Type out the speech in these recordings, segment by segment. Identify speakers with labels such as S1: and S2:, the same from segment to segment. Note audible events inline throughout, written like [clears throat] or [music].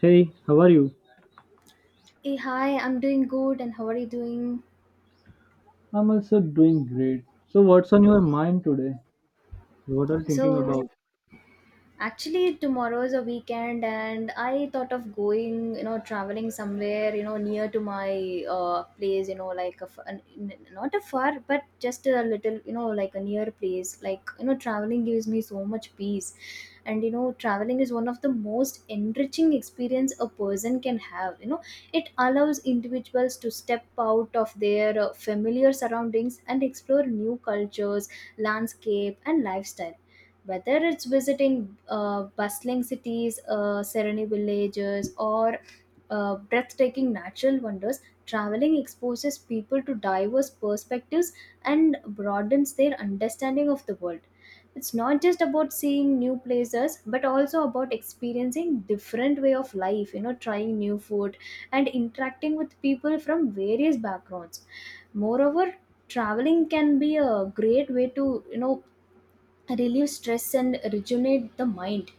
S1: Hey, how are you?
S2: Hey, hi, I'm doing good, and how are you doing?
S1: I'm also doing great. So, what's on your mind today? What are you thinking about?
S2: So, Actually, tomorrow is a weekend, and I thought of going, you know, traveling somewhere, you know, near to my place, you know, like a, f- an- n- not a far, but just a little, you know, like a near place. Like, you know, traveling gives me so much peace. And, you know, traveling is one of the most enriching experience a person can have. You know, it allows individuals to step out of their familiar surroundings and explore new cultures, landscape, and lifestyle, whether it's visiting bustling cities, serene villages, or breathtaking natural wonders, traveling exposes people to diverse perspectives and broadens their understanding of the world. It's not just about seeing new places, but also about experiencing different way of life. You know, trying new food and interacting with people from various backgrounds. Moreover, traveling can be a great way to relieve stress and rejuvenate the mind.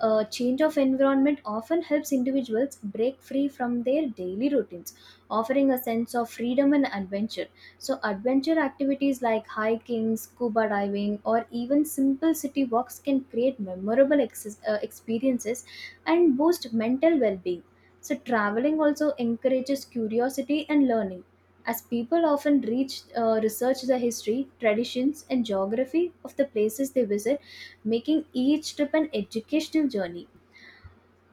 S2: A change of environment often helps individuals break free from their daily routines, offering a sense of freedom and adventure. So, adventure activities like hiking, scuba diving, or even simple city walks can create memorable experiences and boost mental well being. So, traveling also encourages curiosity and learning, as people often research the history, traditions, and geography of the places they visit, making each trip an educational journey.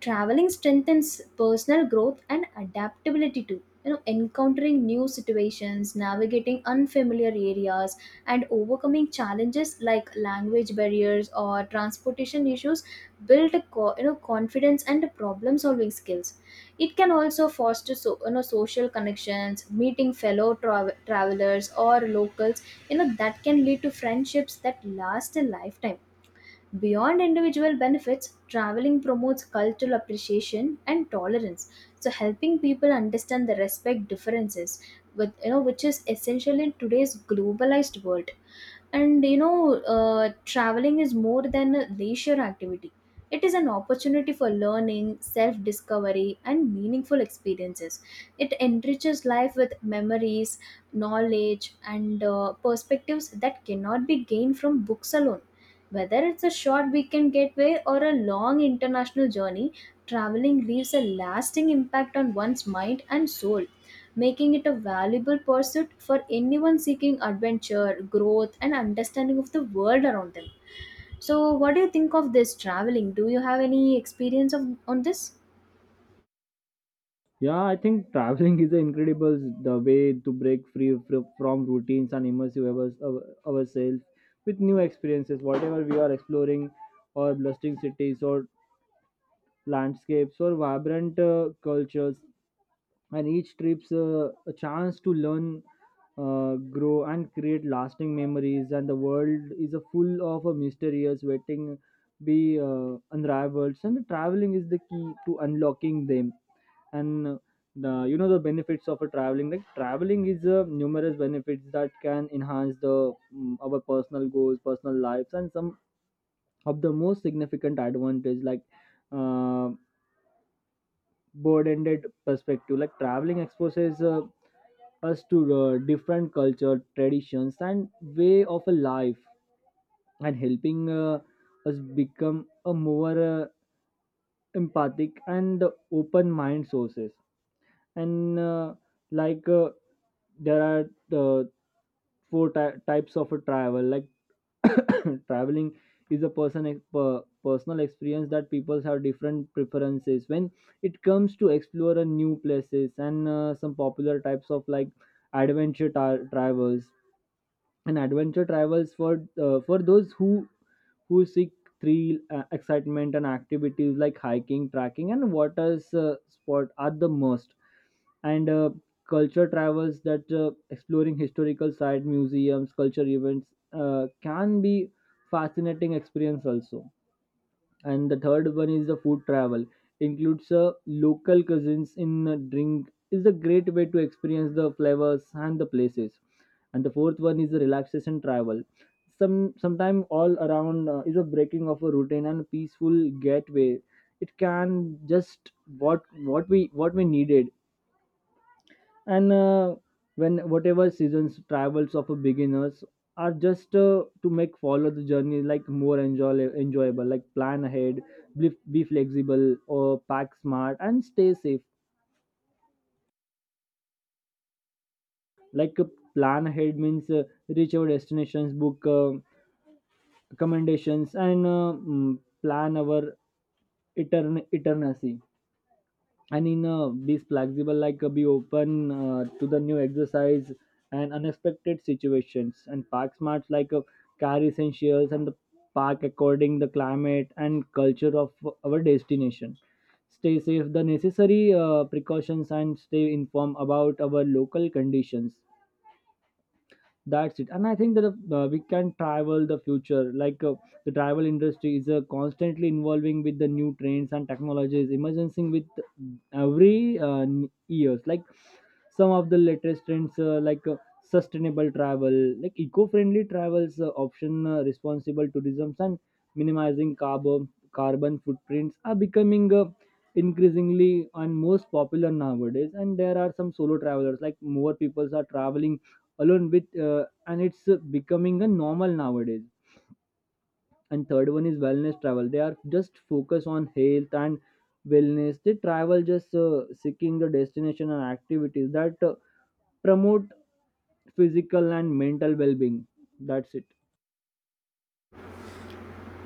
S2: Traveling strengthens personal growth and adaptability too, you know, encountering new situations, navigating unfamiliar areas, and overcoming challenges like language barriers or transportation issues build a co- you know confidence and problem solving skills. It can also foster, so, you know, social connections. Meeting fellow travelers or locals, you know, that can lead to friendships that last a lifetime. Beyond individual benefits, traveling promotes cultural appreciation and tolerance. So, helping people understand the respect differences with, you know, which is essential in today's globalized world. And, you know, traveling is more than a leisure activity. It is an opportunity for learning, self discovery, and meaningful experiences. It enriches life with memories, knowledge, and perspectives that cannot be gained from books alone. Whether it's a short weekend getaway or a long international journey, traveling leaves a lasting impact on one's mind and soul, making it a valuable pursuit for anyone seeking adventure, growth, and understanding of the world around them. So, what do you think of this traveling? Do you have any experience of on this?
S1: Yeah, I think traveling [laughs] is an incredible the way to break free from routines and immersive ourselves with new experiences. Whatever we are exploring, or bustling cities, or landscapes, or vibrant cultures, and each trip's a chance to learn, grow, and create lasting memories. And the world is a full of a mysterious waiting be unraveled, and the traveling is the key to unlocking them. And The you know the benefits of a traveling like traveling is numerous benefits that can enhance the our personal goals personal lives and some of the most significant advantage like uh, broad-ended perspective like traveling exposes us to different culture traditions and way of a life and helping us become a more empathic and open mind sources and like uh, there are uh, types of a travel like [coughs] traveling is a personal experience that people have different preferences when it comes to explore a new places and some popular types of like travels and adventure travels for for those who seek thrill, excitement, and activities like hiking, trekking, and water sport are the most. And Culture travels that exploring historical site, museums, culture events can be fascinating experience also, and the third one is the food travel includes local cuisines in a drink is a great way to experience the flavors and the places, and the fourth one is the relaxation travel. Some sometime all around is a breaking of a routine and peaceful getaway. It can just what we needed. And When whatever seasons travels of a beginners are just to make follow the journey like more enjoyable, like plan ahead, be flexible or pack smart and stay safe. like uh, Plan ahead means reach our destinations, book accommodations, and plan our eternity, and in be flexible like be open to the new exercise and unexpected situations, and park smarts like car essentials and the park according the climate and culture of our destination. Stay safe the necessary precautions and stay informed about our local conditions. That's it, and I think that we can travel the future like the travel industry is constantly involving with the new trends and technologies emerging with every years, like some of the latest trends like sustainable travel like eco-friendly travels option, responsible tourism, and minimizing carbon footprints are becoming increasingly and most popular nowadays. And there are some solo travelers, like more people are traveling alone with and it's becoming a normal nowadays. And third one is wellness travel, they are just focus on health and wellness, they travel just seeking the destination and activities that promote physical and mental well-being. That's it.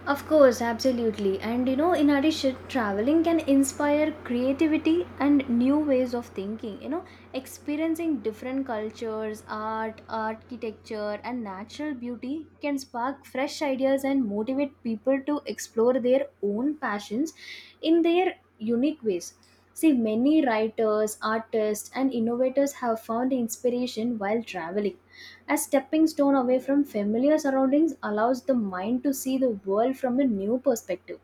S2: Of course, absolutely. And you know, in addition, traveling can inspire creativity and new ways of thinking. You know, experiencing different cultures, art, architecture, and natural beauty can spark fresh ideas and motivate people to explore their own passions in their unique ways. See, many writers, artists, and innovators have found inspiration while traveling. A stepping stone away from familiar surroundings allows the mind to see the world from a new perspective.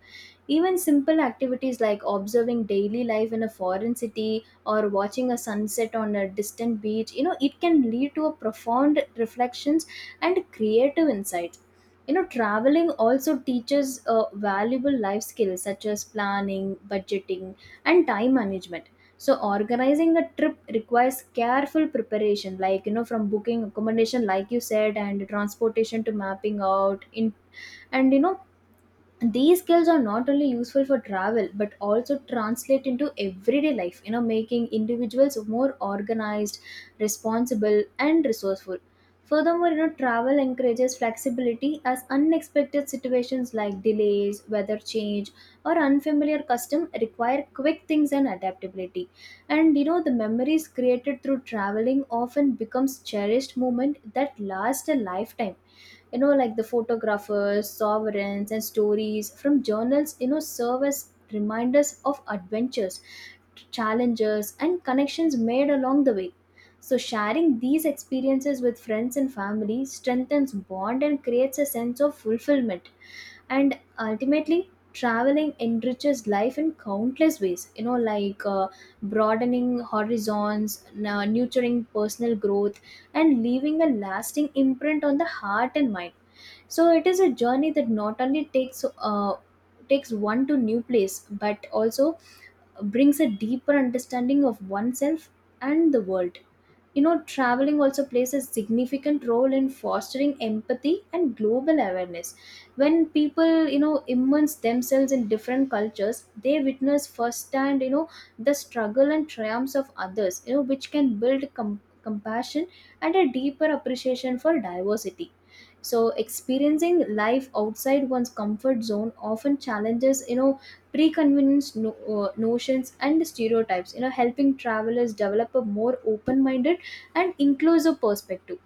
S2: Even simple activities like observing daily life in a foreign city or watching a sunset on a distant beach, you know, it can lead to a profound reflections and creative insights. You know, traveling also teaches valuable life skills such as planning, budgeting, and time management. So, organizing a trip requires careful preparation, like, you know, from booking accommodation, like you said, and transportation to mapping out in. And, you know, these skills are not only useful for travel but also translate into everyday life, you know, making individuals more organized, responsible, and resourceful. Furthermore, you know, travel encourages flexibility, as unexpected situations like delays, weather change, or unfamiliar custom require quick things and adaptability. And, you know, the memories created through traveling often becomes cherished moment that last a lifetime. You know, like the photographers sovereigns and stories from journals, you know, serve as reminders of adventures, challenges, and connections made along the way. So, sharing these experiences with friends and family strengthens bond and creates a sense of fulfillment. And ultimately, traveling enriches life in countless ways, you know, like broadening horizons, nurturing personal growth, and leaving a lasting imprint on the heart and mind. So it is a journey that not only takes one to new place but also brings a deeper understanding of oneself and the world. You know, traveling also plays a significant role in fostering empathy and global awareness. When people, you know, immerse themselves in different cultures, they witness firsthand, you know, the struggle and triumphs of others, you know, which can build compassion and a deeper appreciation for diversity. So, experiencing life outside one's comfort zone often challenges, you know, preconceived notions and stereotypes, you know, helping travelers develop a more open minded and inclusive perspective.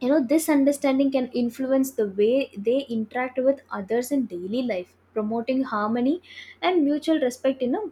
S2: You know, this understanding can influence the way they interact with others in daily life, promoting harmony and mutual respect in a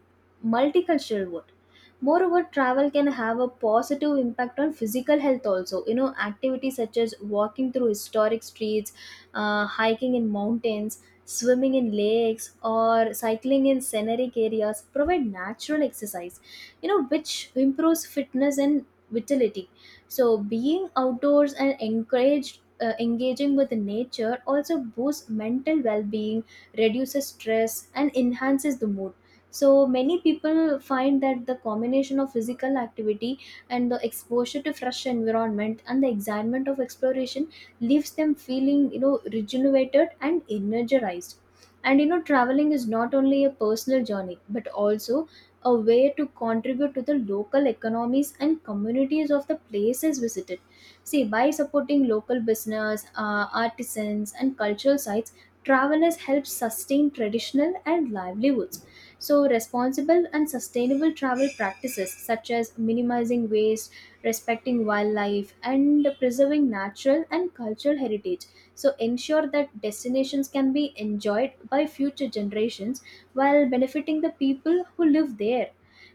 S2: multicultural world. Moreover, travel can have a positive impact on physical health also. You know, activities such as walking through historic streets, hiking in mountains, swimming in lakes, or cycling in scenic areas provide natural exercise, you know, which improves fitness and vitality. So, being outdoors and encouraged. Engaging with nature also boosts mental well-being, reduces stress, and enhances the mood. So, many people find that the combination of physical activity and the exposure to fresh environment and the excitement of exploration leaves them feeling, you know, rejuvenated and energized. And, you know, traveling is not only a personal journey but also a way to contribute to the local economies and communities of the places visited. See, by supporting local business, artisans, and cultural sites, travelers help sustain traditional and livelihoods. So, responsible and sustainable travel practices such as minimizing waste, respecting wildlife, and preserving natural and cultural heritage. So, ensure that destinations can be enjoyed by future generations while benefiting the people who live there.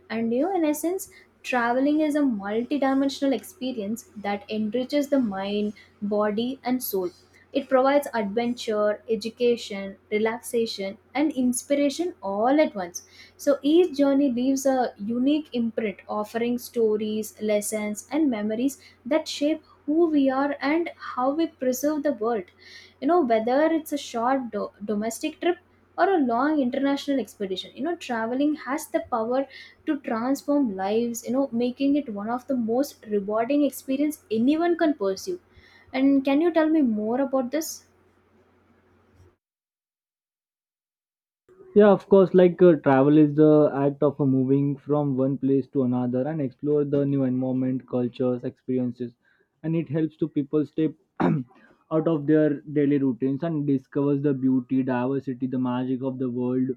S2: And you know, in essence, traveling is a multidimensional experience that enriches the mind, body, and soul. It provides adventure, education, relaxation, and inspiration all at once. So, each journey leaves a unique imprint, offering stories, lessons, and memories that shape who we are and how we preserve the world. You know, whether it's a short domestic trip or a long international expedition, you know, traveling has the power to transform lives, you know, making it one of the most rewarding experience anyone can pursue. And can you tell me more about this?
S1: Yeah, of course. Travel is the act of moving from one place to another and explore the new environment, cultures, experiences, and it helps to people stay [clears throat] out of their daily routines and discovers the beauty, diversity, the magic of the world,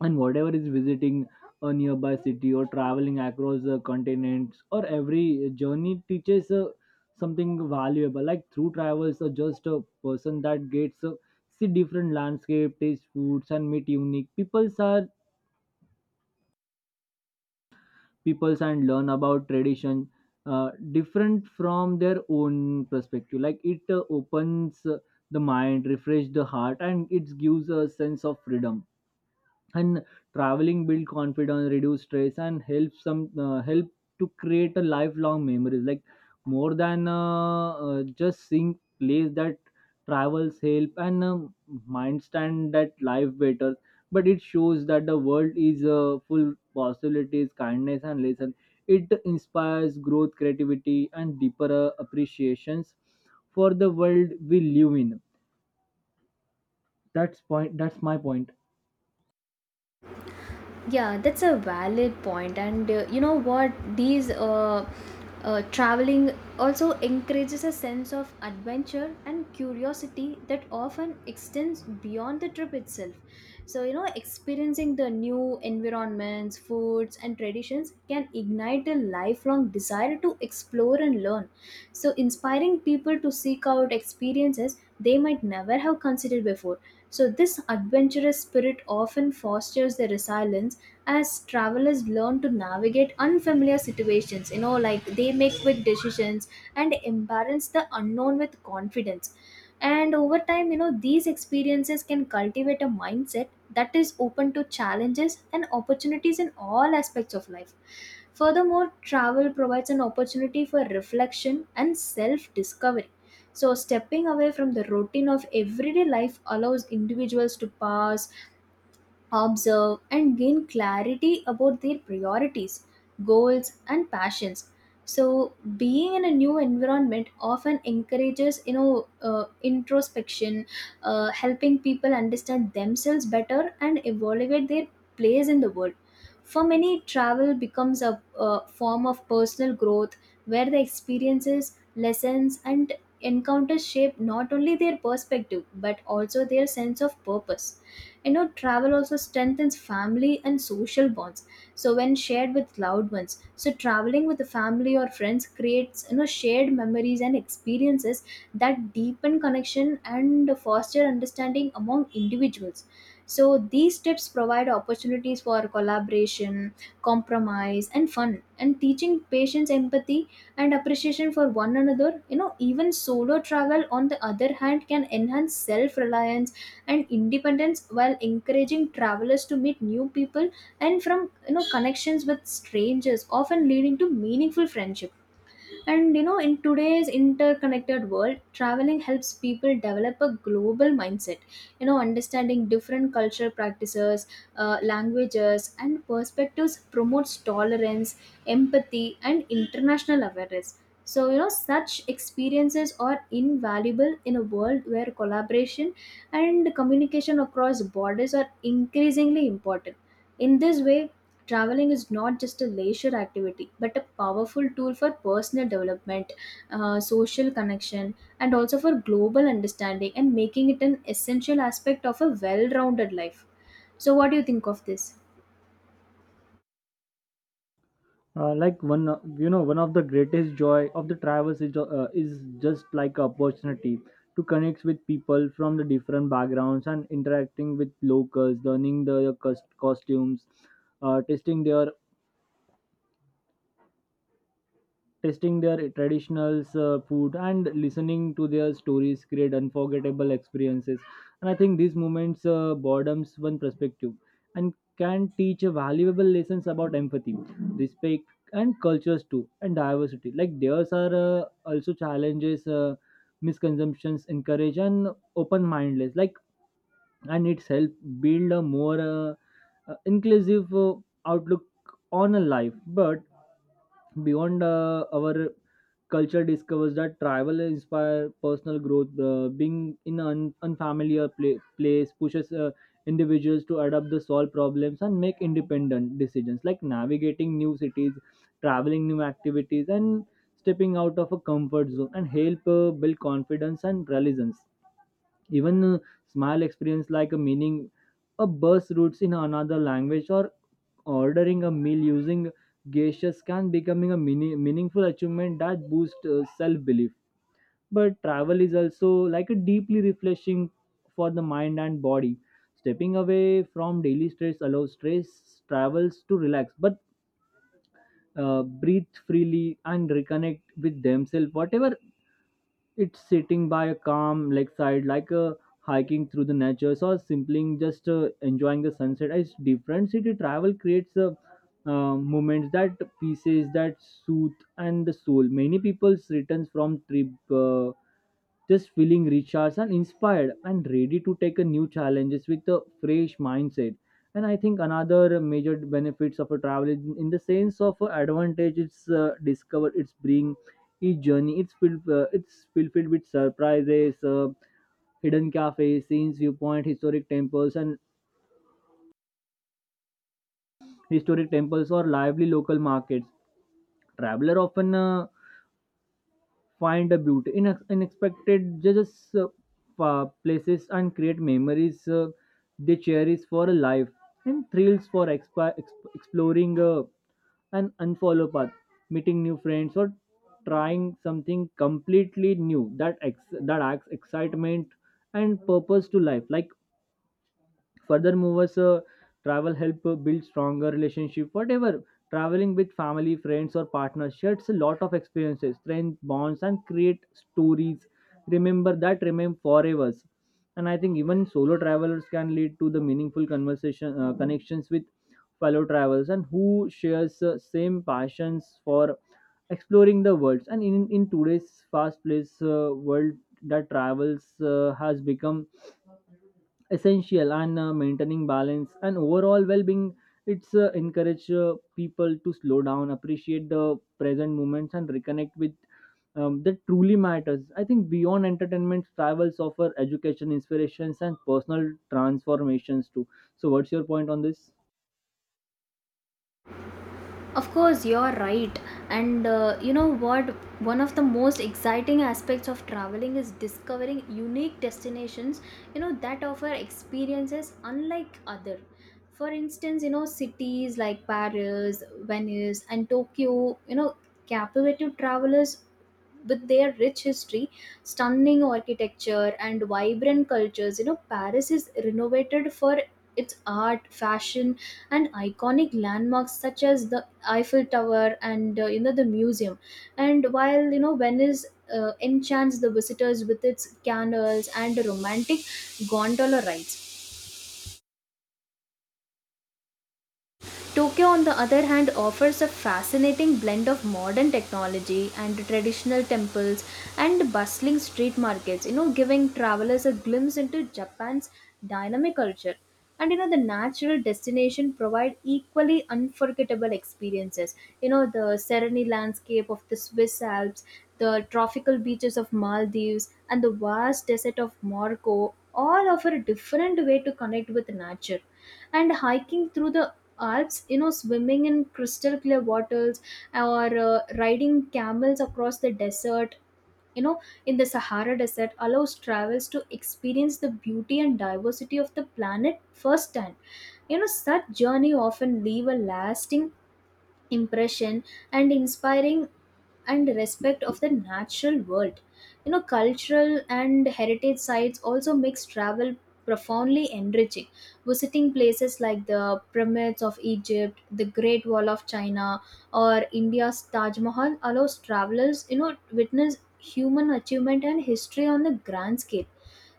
S1: and whatever is visiting a nearby city or traveling across the continents, or every journey teaches something valuable, like through travels or just a person that gets see different landscape, taste foods, and meet unique peoples and learn about tradition different from their own perspective. Like it opens the mind, refresh the heart, and it gives a sense of freedom, and traveling build confidence, reduce stress, and help to create a lifelong memories, like more than just seeing place that travels help and mind stand that life better, but it shows that the world is full possibilities, kindness, and lesson. It inspires growth, creativity, and deeper appreciations for the world we live in. That's point, that's my point.
S2: Yeah, that's a valid point. And you know what? These Traveling also encourages a sense of adventure and curiosity that often extends beyond the trip itself. So, you know, experiencing the new environments, foods, and traditions can ignite a lifelong desire to explore and learn. So, inspiring people to seek out experiences they might never have considered before. So, this adventurous spirit often fosters the resilience, as travelers learn to navigate unfamiliar situations, you know, like they make quick decisions and embrace the unknown with confidence. And over time, you know, these experiences can cultivate a mindset that is open to challenges and opportunities in all aspects of life. Furthermore, travel provides an opportunity for reflection and self discovery. So, stepping away from the routine of everyday life allows individuals to pause, observe, and gain clarity about their priorities, goals, and passions. So, being in a new environment often encourages, you know, introspection, helping people understand themselves better and evaluate their place in the world. For many, travel becomes a form of personal growth, where the experiences, lessons, and encounters shape not only their perspective but also their sense of purpose. You know, travel also strengthens family and social bonds. So when shared with loved ones, so traveling with the family or friends creates, you know, shared memories and experiences that deepen connection and foster understanding among individuals. So these trips provide opportunities for collaboration, compromise, and fun, and teaching patience, empathy, and appreciation for one another. You know, even solo travel, on the other hand, can enhance self reliance and independence, while encouraging travelers to meet new people and from, you know, connections with strangers, often leading to meaningful friendships. And you know, in today's interconnected world, traveling helps people develop a global mindset. You know, understanding different cultural practices, languages, and perspectives promotes tolerance, empathy, and international awareness. So, you know, such experiences are invaluable in a world where collaboration and communication across borders are increasingly important. In this way, traveling is not just a leisure activity but a powerful tool for personal development, social connection, and also for global understanding, and making it an essential aspect of a well-rounded life. So what do you think of this?
S1: Like one You know, one of the greatest joy of the travels is just like opportunity to connect with people from the different backgrounds and interacting with locals, learning their costumes, testing their tasting their traditional food and listening to their stories create unforgettable experiences. And I think these moments boredoms one perspective and can teach valuable lessons about empathy, respect, and cultures too, and diversity like theirs are also challenges misconceptions, encourage and open mindedness. Like, and it's help build a more inclusive outlook on a life. But beyond our culture discovers that travel inspire personal growth. Being in an unfamiliar place pushes individuals to adapt, to solve problems, and make independent decisions, like navigating new cities, traveling new activities, and stepping out of a comfort zone and help build confidence and resilience. Even a small experience like a meaning a bus routes in another language or ordering a meal using gestures can becoming a meaningful achievement that boosts self belief. But travel is also like a deeply refreshing for the mind and body. Stepping away from daily stress allows stress travels to relax, but breathe freely and reconnect with themselves. Whatever it's sitting by a calm lakeside like hiking through the nature, or simply just enjoying the sunset it's different city travel creates moments that pieces that soothe and the soul. Many people returns from trip just feeling recharged and inspired and ready to take a new challenges with a fresh mindset. And I think another major benefits of a travel is in the sense of advantage it's discover it's bring. Each journey it's filled with surprises, hidden cafes scenes viewpoint historic temples or lively local markets. Traveler often find a beauty in unexpected just places and create memories they cherish for a life, and thrills for exploring an unfollow path, meeting new friends, or trying something completely new that that adds excitement and purpose to life like. Furthermore, travel help build stronger relationship. Whatever traveling with family, friends, or partners sheds a lot of experiences, strength bonds, and create stories. Remember that remain forever. And I think even solo travelers can lead to the meaningful conversation connections with fellow travelers and who shares same passions for exploring the world. And in today's fast-paced world, that travels has become essential and maintaining balance and overall well-being, it's encourage people to slow down, appreciate the present moments, and reconnect with that truly matters. I think beyond entertainment, travels offer education, inspirations, and personal transformations too. So what's your point on this?
S2: Of course, you're right. And you know what? One of the most exciting aspects of traveling is discovering unique destinations, you know, that offer experiences unlike other. For instance, you know, cities like Paris, Venice, and Tokyo, you know, captivate travelers with their rich history, stunning architecture, and vibrant cultures. You know, Paris is renovated for its art, fashion, and iconic landmarks such as the Eiffel Tower and you know the museum. And while you know Venice enchants the visitors with its canals and romantic gondola rides. Tokyo, on the other hand, offers a fascinating blend of modern technology and traditional temples and bustling street markets, you know, giving travelers a glimpse into Japan's dynamic culture. And you know, the natural destination provide equally unforgettable experiences. You know, the serene landscape of the Swiss Alps, the tropical beaches of Maldives, and the vast desert of Morocco all offer a different way to connect with nature, and hiking through the alps, you know, swimming in crystal clear waters, or riding camels across the desert, you know, in the Sahara desert allows travelers to experience the beauty and diversity of the planet firsthand. You know, such journey often leave a lasting impression, and inspiring and respect of the natural world. You know, cultural and heritage sites also makes travel profoundly enriching. Visiting places like the pyramids of Egypt, the Great Wall of China, or India's Taj Mahal allows travelers, you know, witness human achievement and history on the grand scale.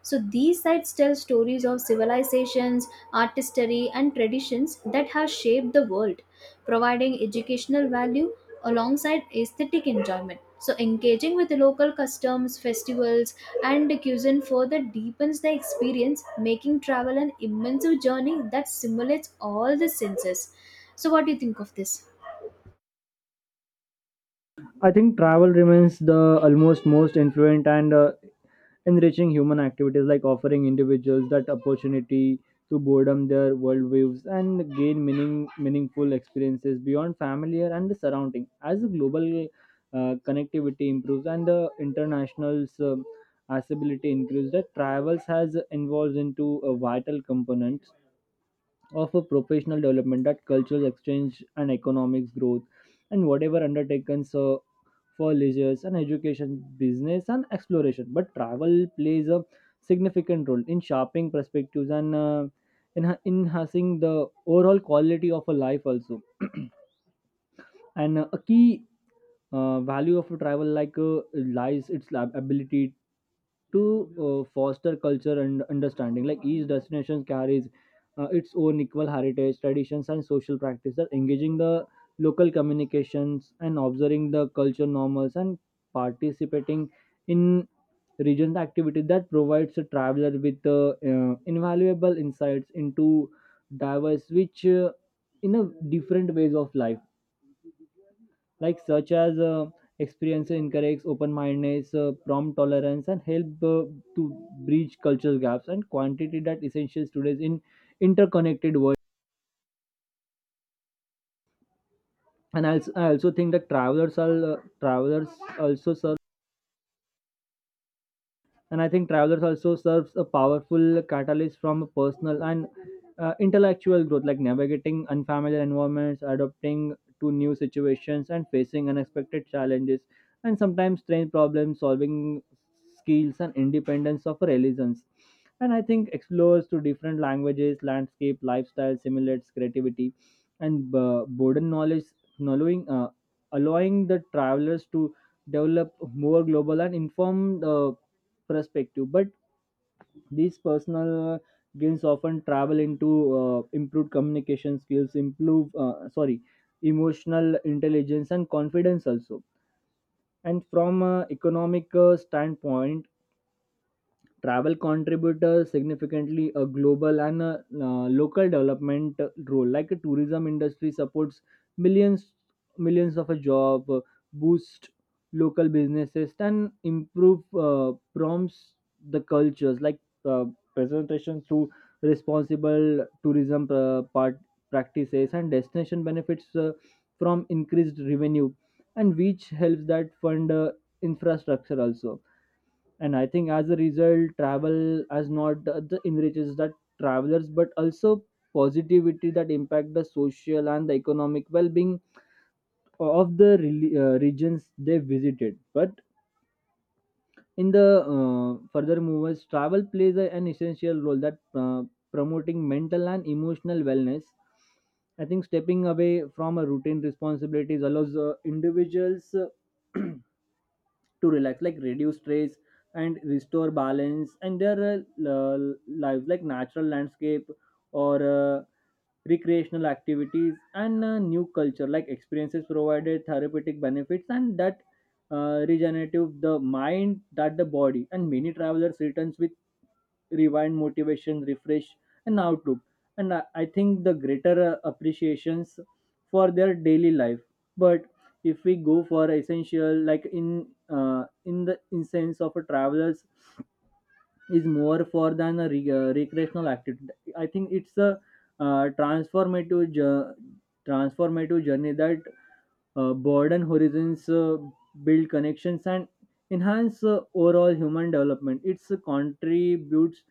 S2: So these sites tell stories of civilizations, artistry, and traditions that have shaped the world, providing educational value alongside aesthetic enjoyment. So, engaging with local customs, festivals, and cuisine further deepens the experience, making travel an immersive journey that simulates all the senses. So, what do you think of this?
S1: I think travel remains the almost most influent and enriching human activities, like offering individuals that opportunity to broaden their worldviews and gain meaningful experiences beyond familiar and the surrounding. As the global connectivity improves and the international's accessibility increases, that travels has evolved into a vital component of a professional development, that cultural exchange and economics growth, and whatever undertakens for leisure and education, business and exploration. But travel plays a significant role in sharpening perspectives and in enhancing the overall quality of a life also. [clears throat] and A key value of a travel, like lies its ability to foster culture and understanding. Like each destination carries its own equal heritage, traditions, and social practices, engaging the local communications and observing the culture normals and participating in regional activities that provides a traveler with invaluable insights into diverse which in a different ways of life, like such as experience encourages open-mindedness, prompt tolerance, and help to bridge cultural gaps and quantity that essential today's in interconnected world. And I also think that travelers are travelers also serve and I think travelers also serves a powerful catalyst from personal and intellectual growth, like navigating unfamiliar environments, adapting to new situations, and facing unexpected challenges, and sometimes strange problem solving skills and independence of religions. And I think explores to different languages, landscape, lifestyle, simulates creativity and broaden knowledge knowing allowing the travelers to develop more global and informed perspective. But these personal gains often travel into improved communication skills improve sorry emotional intelligence and confidence also. And from a economic standpoint, travel contribute significantly a global and a local development role, like a tourism industry supports millions millions of a job, boost local businesses and improve prompts the cultures like uh, presentation through responsible tourism part practices, and destination benefits from increased revenue and which helps that fund infrastructure also. And I think as a result, travel has not the enriches the travelers but also positivity that impact the social and the economic well-being of the regions they visited. But in the further movers, travel plays an essential role that uh, promoting mental and emotional wellness. I think stepping away from a routine responsibilities allows individuals [clears throat] to relax, like reduce stress and restore balance and their lives, like natural landscape or recreational activities and new culture like experiences provided therapeutic benefits and that regenerative the mind that the body, and many travelers returns with rewind motivation refresh and outlook. And I think the greater appreciations for their daily life. But if we go for essential, like in sense of a travelers is more for than a recreational activity. I think it's a uh, transformative jo- transformative journey that broaden horizons, build connections, and enhance overall human development. It's contributes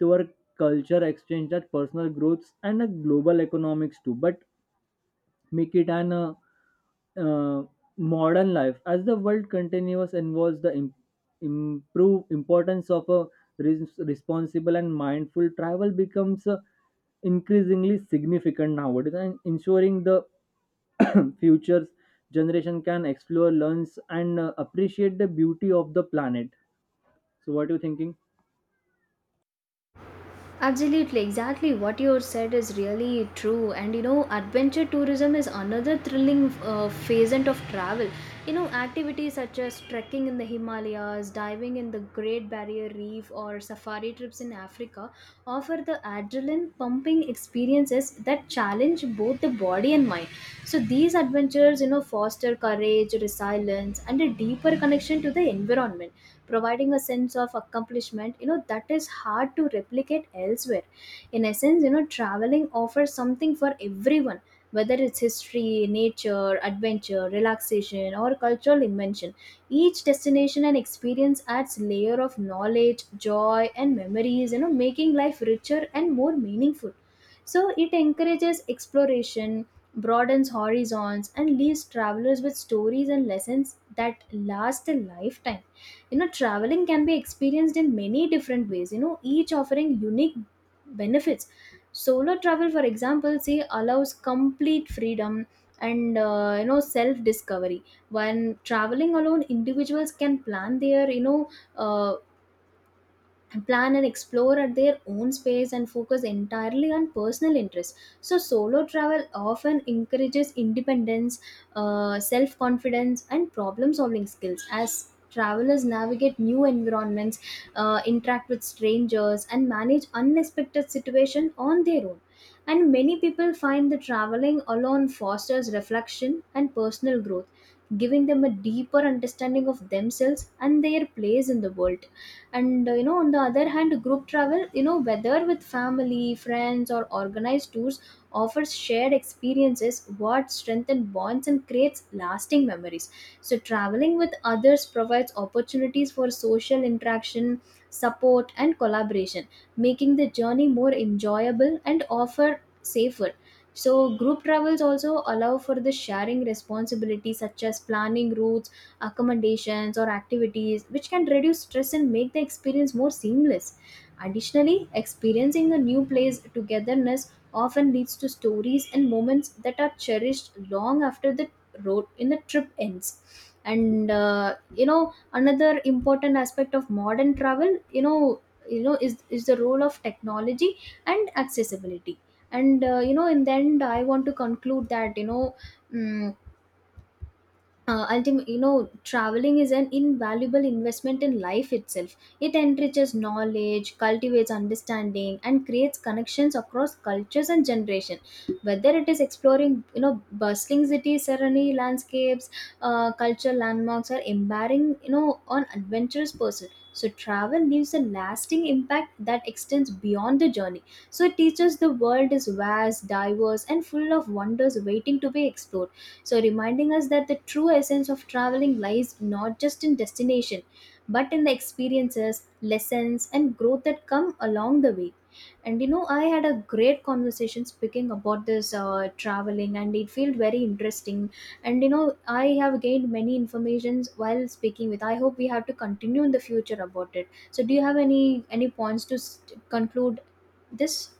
S1: to our culture exchange, that personal growths, and a global economics too. But make it an uh, modern life as the world continues involves the improve importance of a responsible and mindful travel becomes increasingly significant nowadays, and ensuring the [coughs] [clears throat] futures generation can explore, learns, and appreciate the beauty of the planet. So what are you thinking?
S2: Absolutely, exactly what you said is really true. And you know, adventure tourism is another thrilling phasant of travel. You know, activities such as trekking in the Himalayas, diving in the Great Barrier Reef, or safari trips in Africa offer the adrenaline pumping experiences that challenge both the body and mind. So, these adventures, you know, foster courage, resilience, and a deeper connection to the environment, providing a sense of accomplishment, you know, that is hard to replicate elsewhere. In essence, you know, traveling offers something for everyone, whether it's history, nature, adventure, relaxation, or cultural invention. Each destination and experience adds layer of knowledge, joy, and memories, you know, making life richer and more meaningful. So it encourages exploration, broadens horizons, and leaves travelers with stories and lessons that last a lifetime. You know, traveling can be experienced in many different ways, you know, each offering unique benefits. Solo travel, for example, say allows complete freedom and you know, self discovery. When traveling alone, individuals can plan their, you know, uh, plan and explore at their own space and focus entirely on personal interests. So solo travel often encourages independence, self-confidence, and problem-solving skills as travelers navigate new environments, interact with strangers, and manage unexpected situations on their own. And many people find that traveling alone fosters reflection and personal growth, giving them a deeper understanding of themselves and their place in the world. And you know, on the other hand, group travel, you know, whether with family, friends, or organized tours, offers shared experiences what strengthen bonds and creates lasting memories. So traveling with others provides opportunities for social interaction, support, and collaboration, making the journey more enjoyable and offer safer. So group travels also allow for the sharing responsibilities such as planning routes, accommodations, or activities, which can reduce stress and make the experience more seamless. Additionally, experiencing a new place togetherness often leads to stories and moments that are cherished long after the road in the trip ends. And you know, another important aspect of modern travel, you know, is the role of technology and accessibility. And you know, in the end, I want to conclude that, you know, mm, ultimately, you know, traveling is an invaluable investment in life itself. It enriches knowledge, cultivates understanding, and creates connections across cultures and generation, whether it is exploring, you know, bustling cities, serene landscapes, cultural landmarks, or embarking, you know, on adventurous pursuit. So travel leaves a lasting impact that extends beyond the journey. So it teaches the world is vast, diverse, and full of wonders waiting to be explored, so reminding us that the true essence of traveling lies not just in destination, but in the experiences, lessons, and growth that come along the way. And you know, I had a great conversation speaking about this traveling, and it felt very interesting. And you know, I have gained many informations while speaking with. I hope we have to continue in the future about it. So, do you have any points to s conclude this?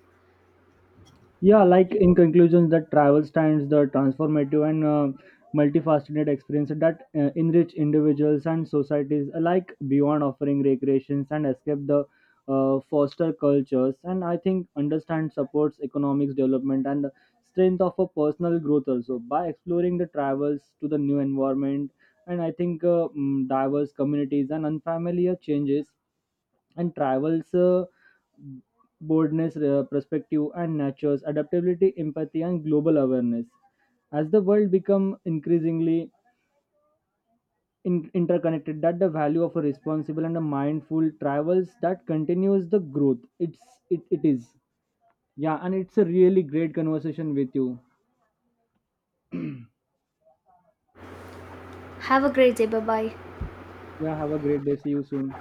S1: Yeah, like in conclusion, that travel stands the transformative and multifaceted experience that enrich individuals and societies alike. Beyond offering recreations and escape, the foster cultures, and I think understand, supports economics development and the strength of a personal growth also by exploring the travels to the new environment. And I think diverse communities and unfamiliar changes and travels boldness, perspective, and nature's adaptability, empathy, and global awareness. As the world become increasingly interconnected, that the value of a responsible and a mindful travels that continues the growth. It's it is. Yeah, and it's a really great conversation with you.
S2: Have a great day. Bye bye.
S1: Yeah, have a great day. See you soon.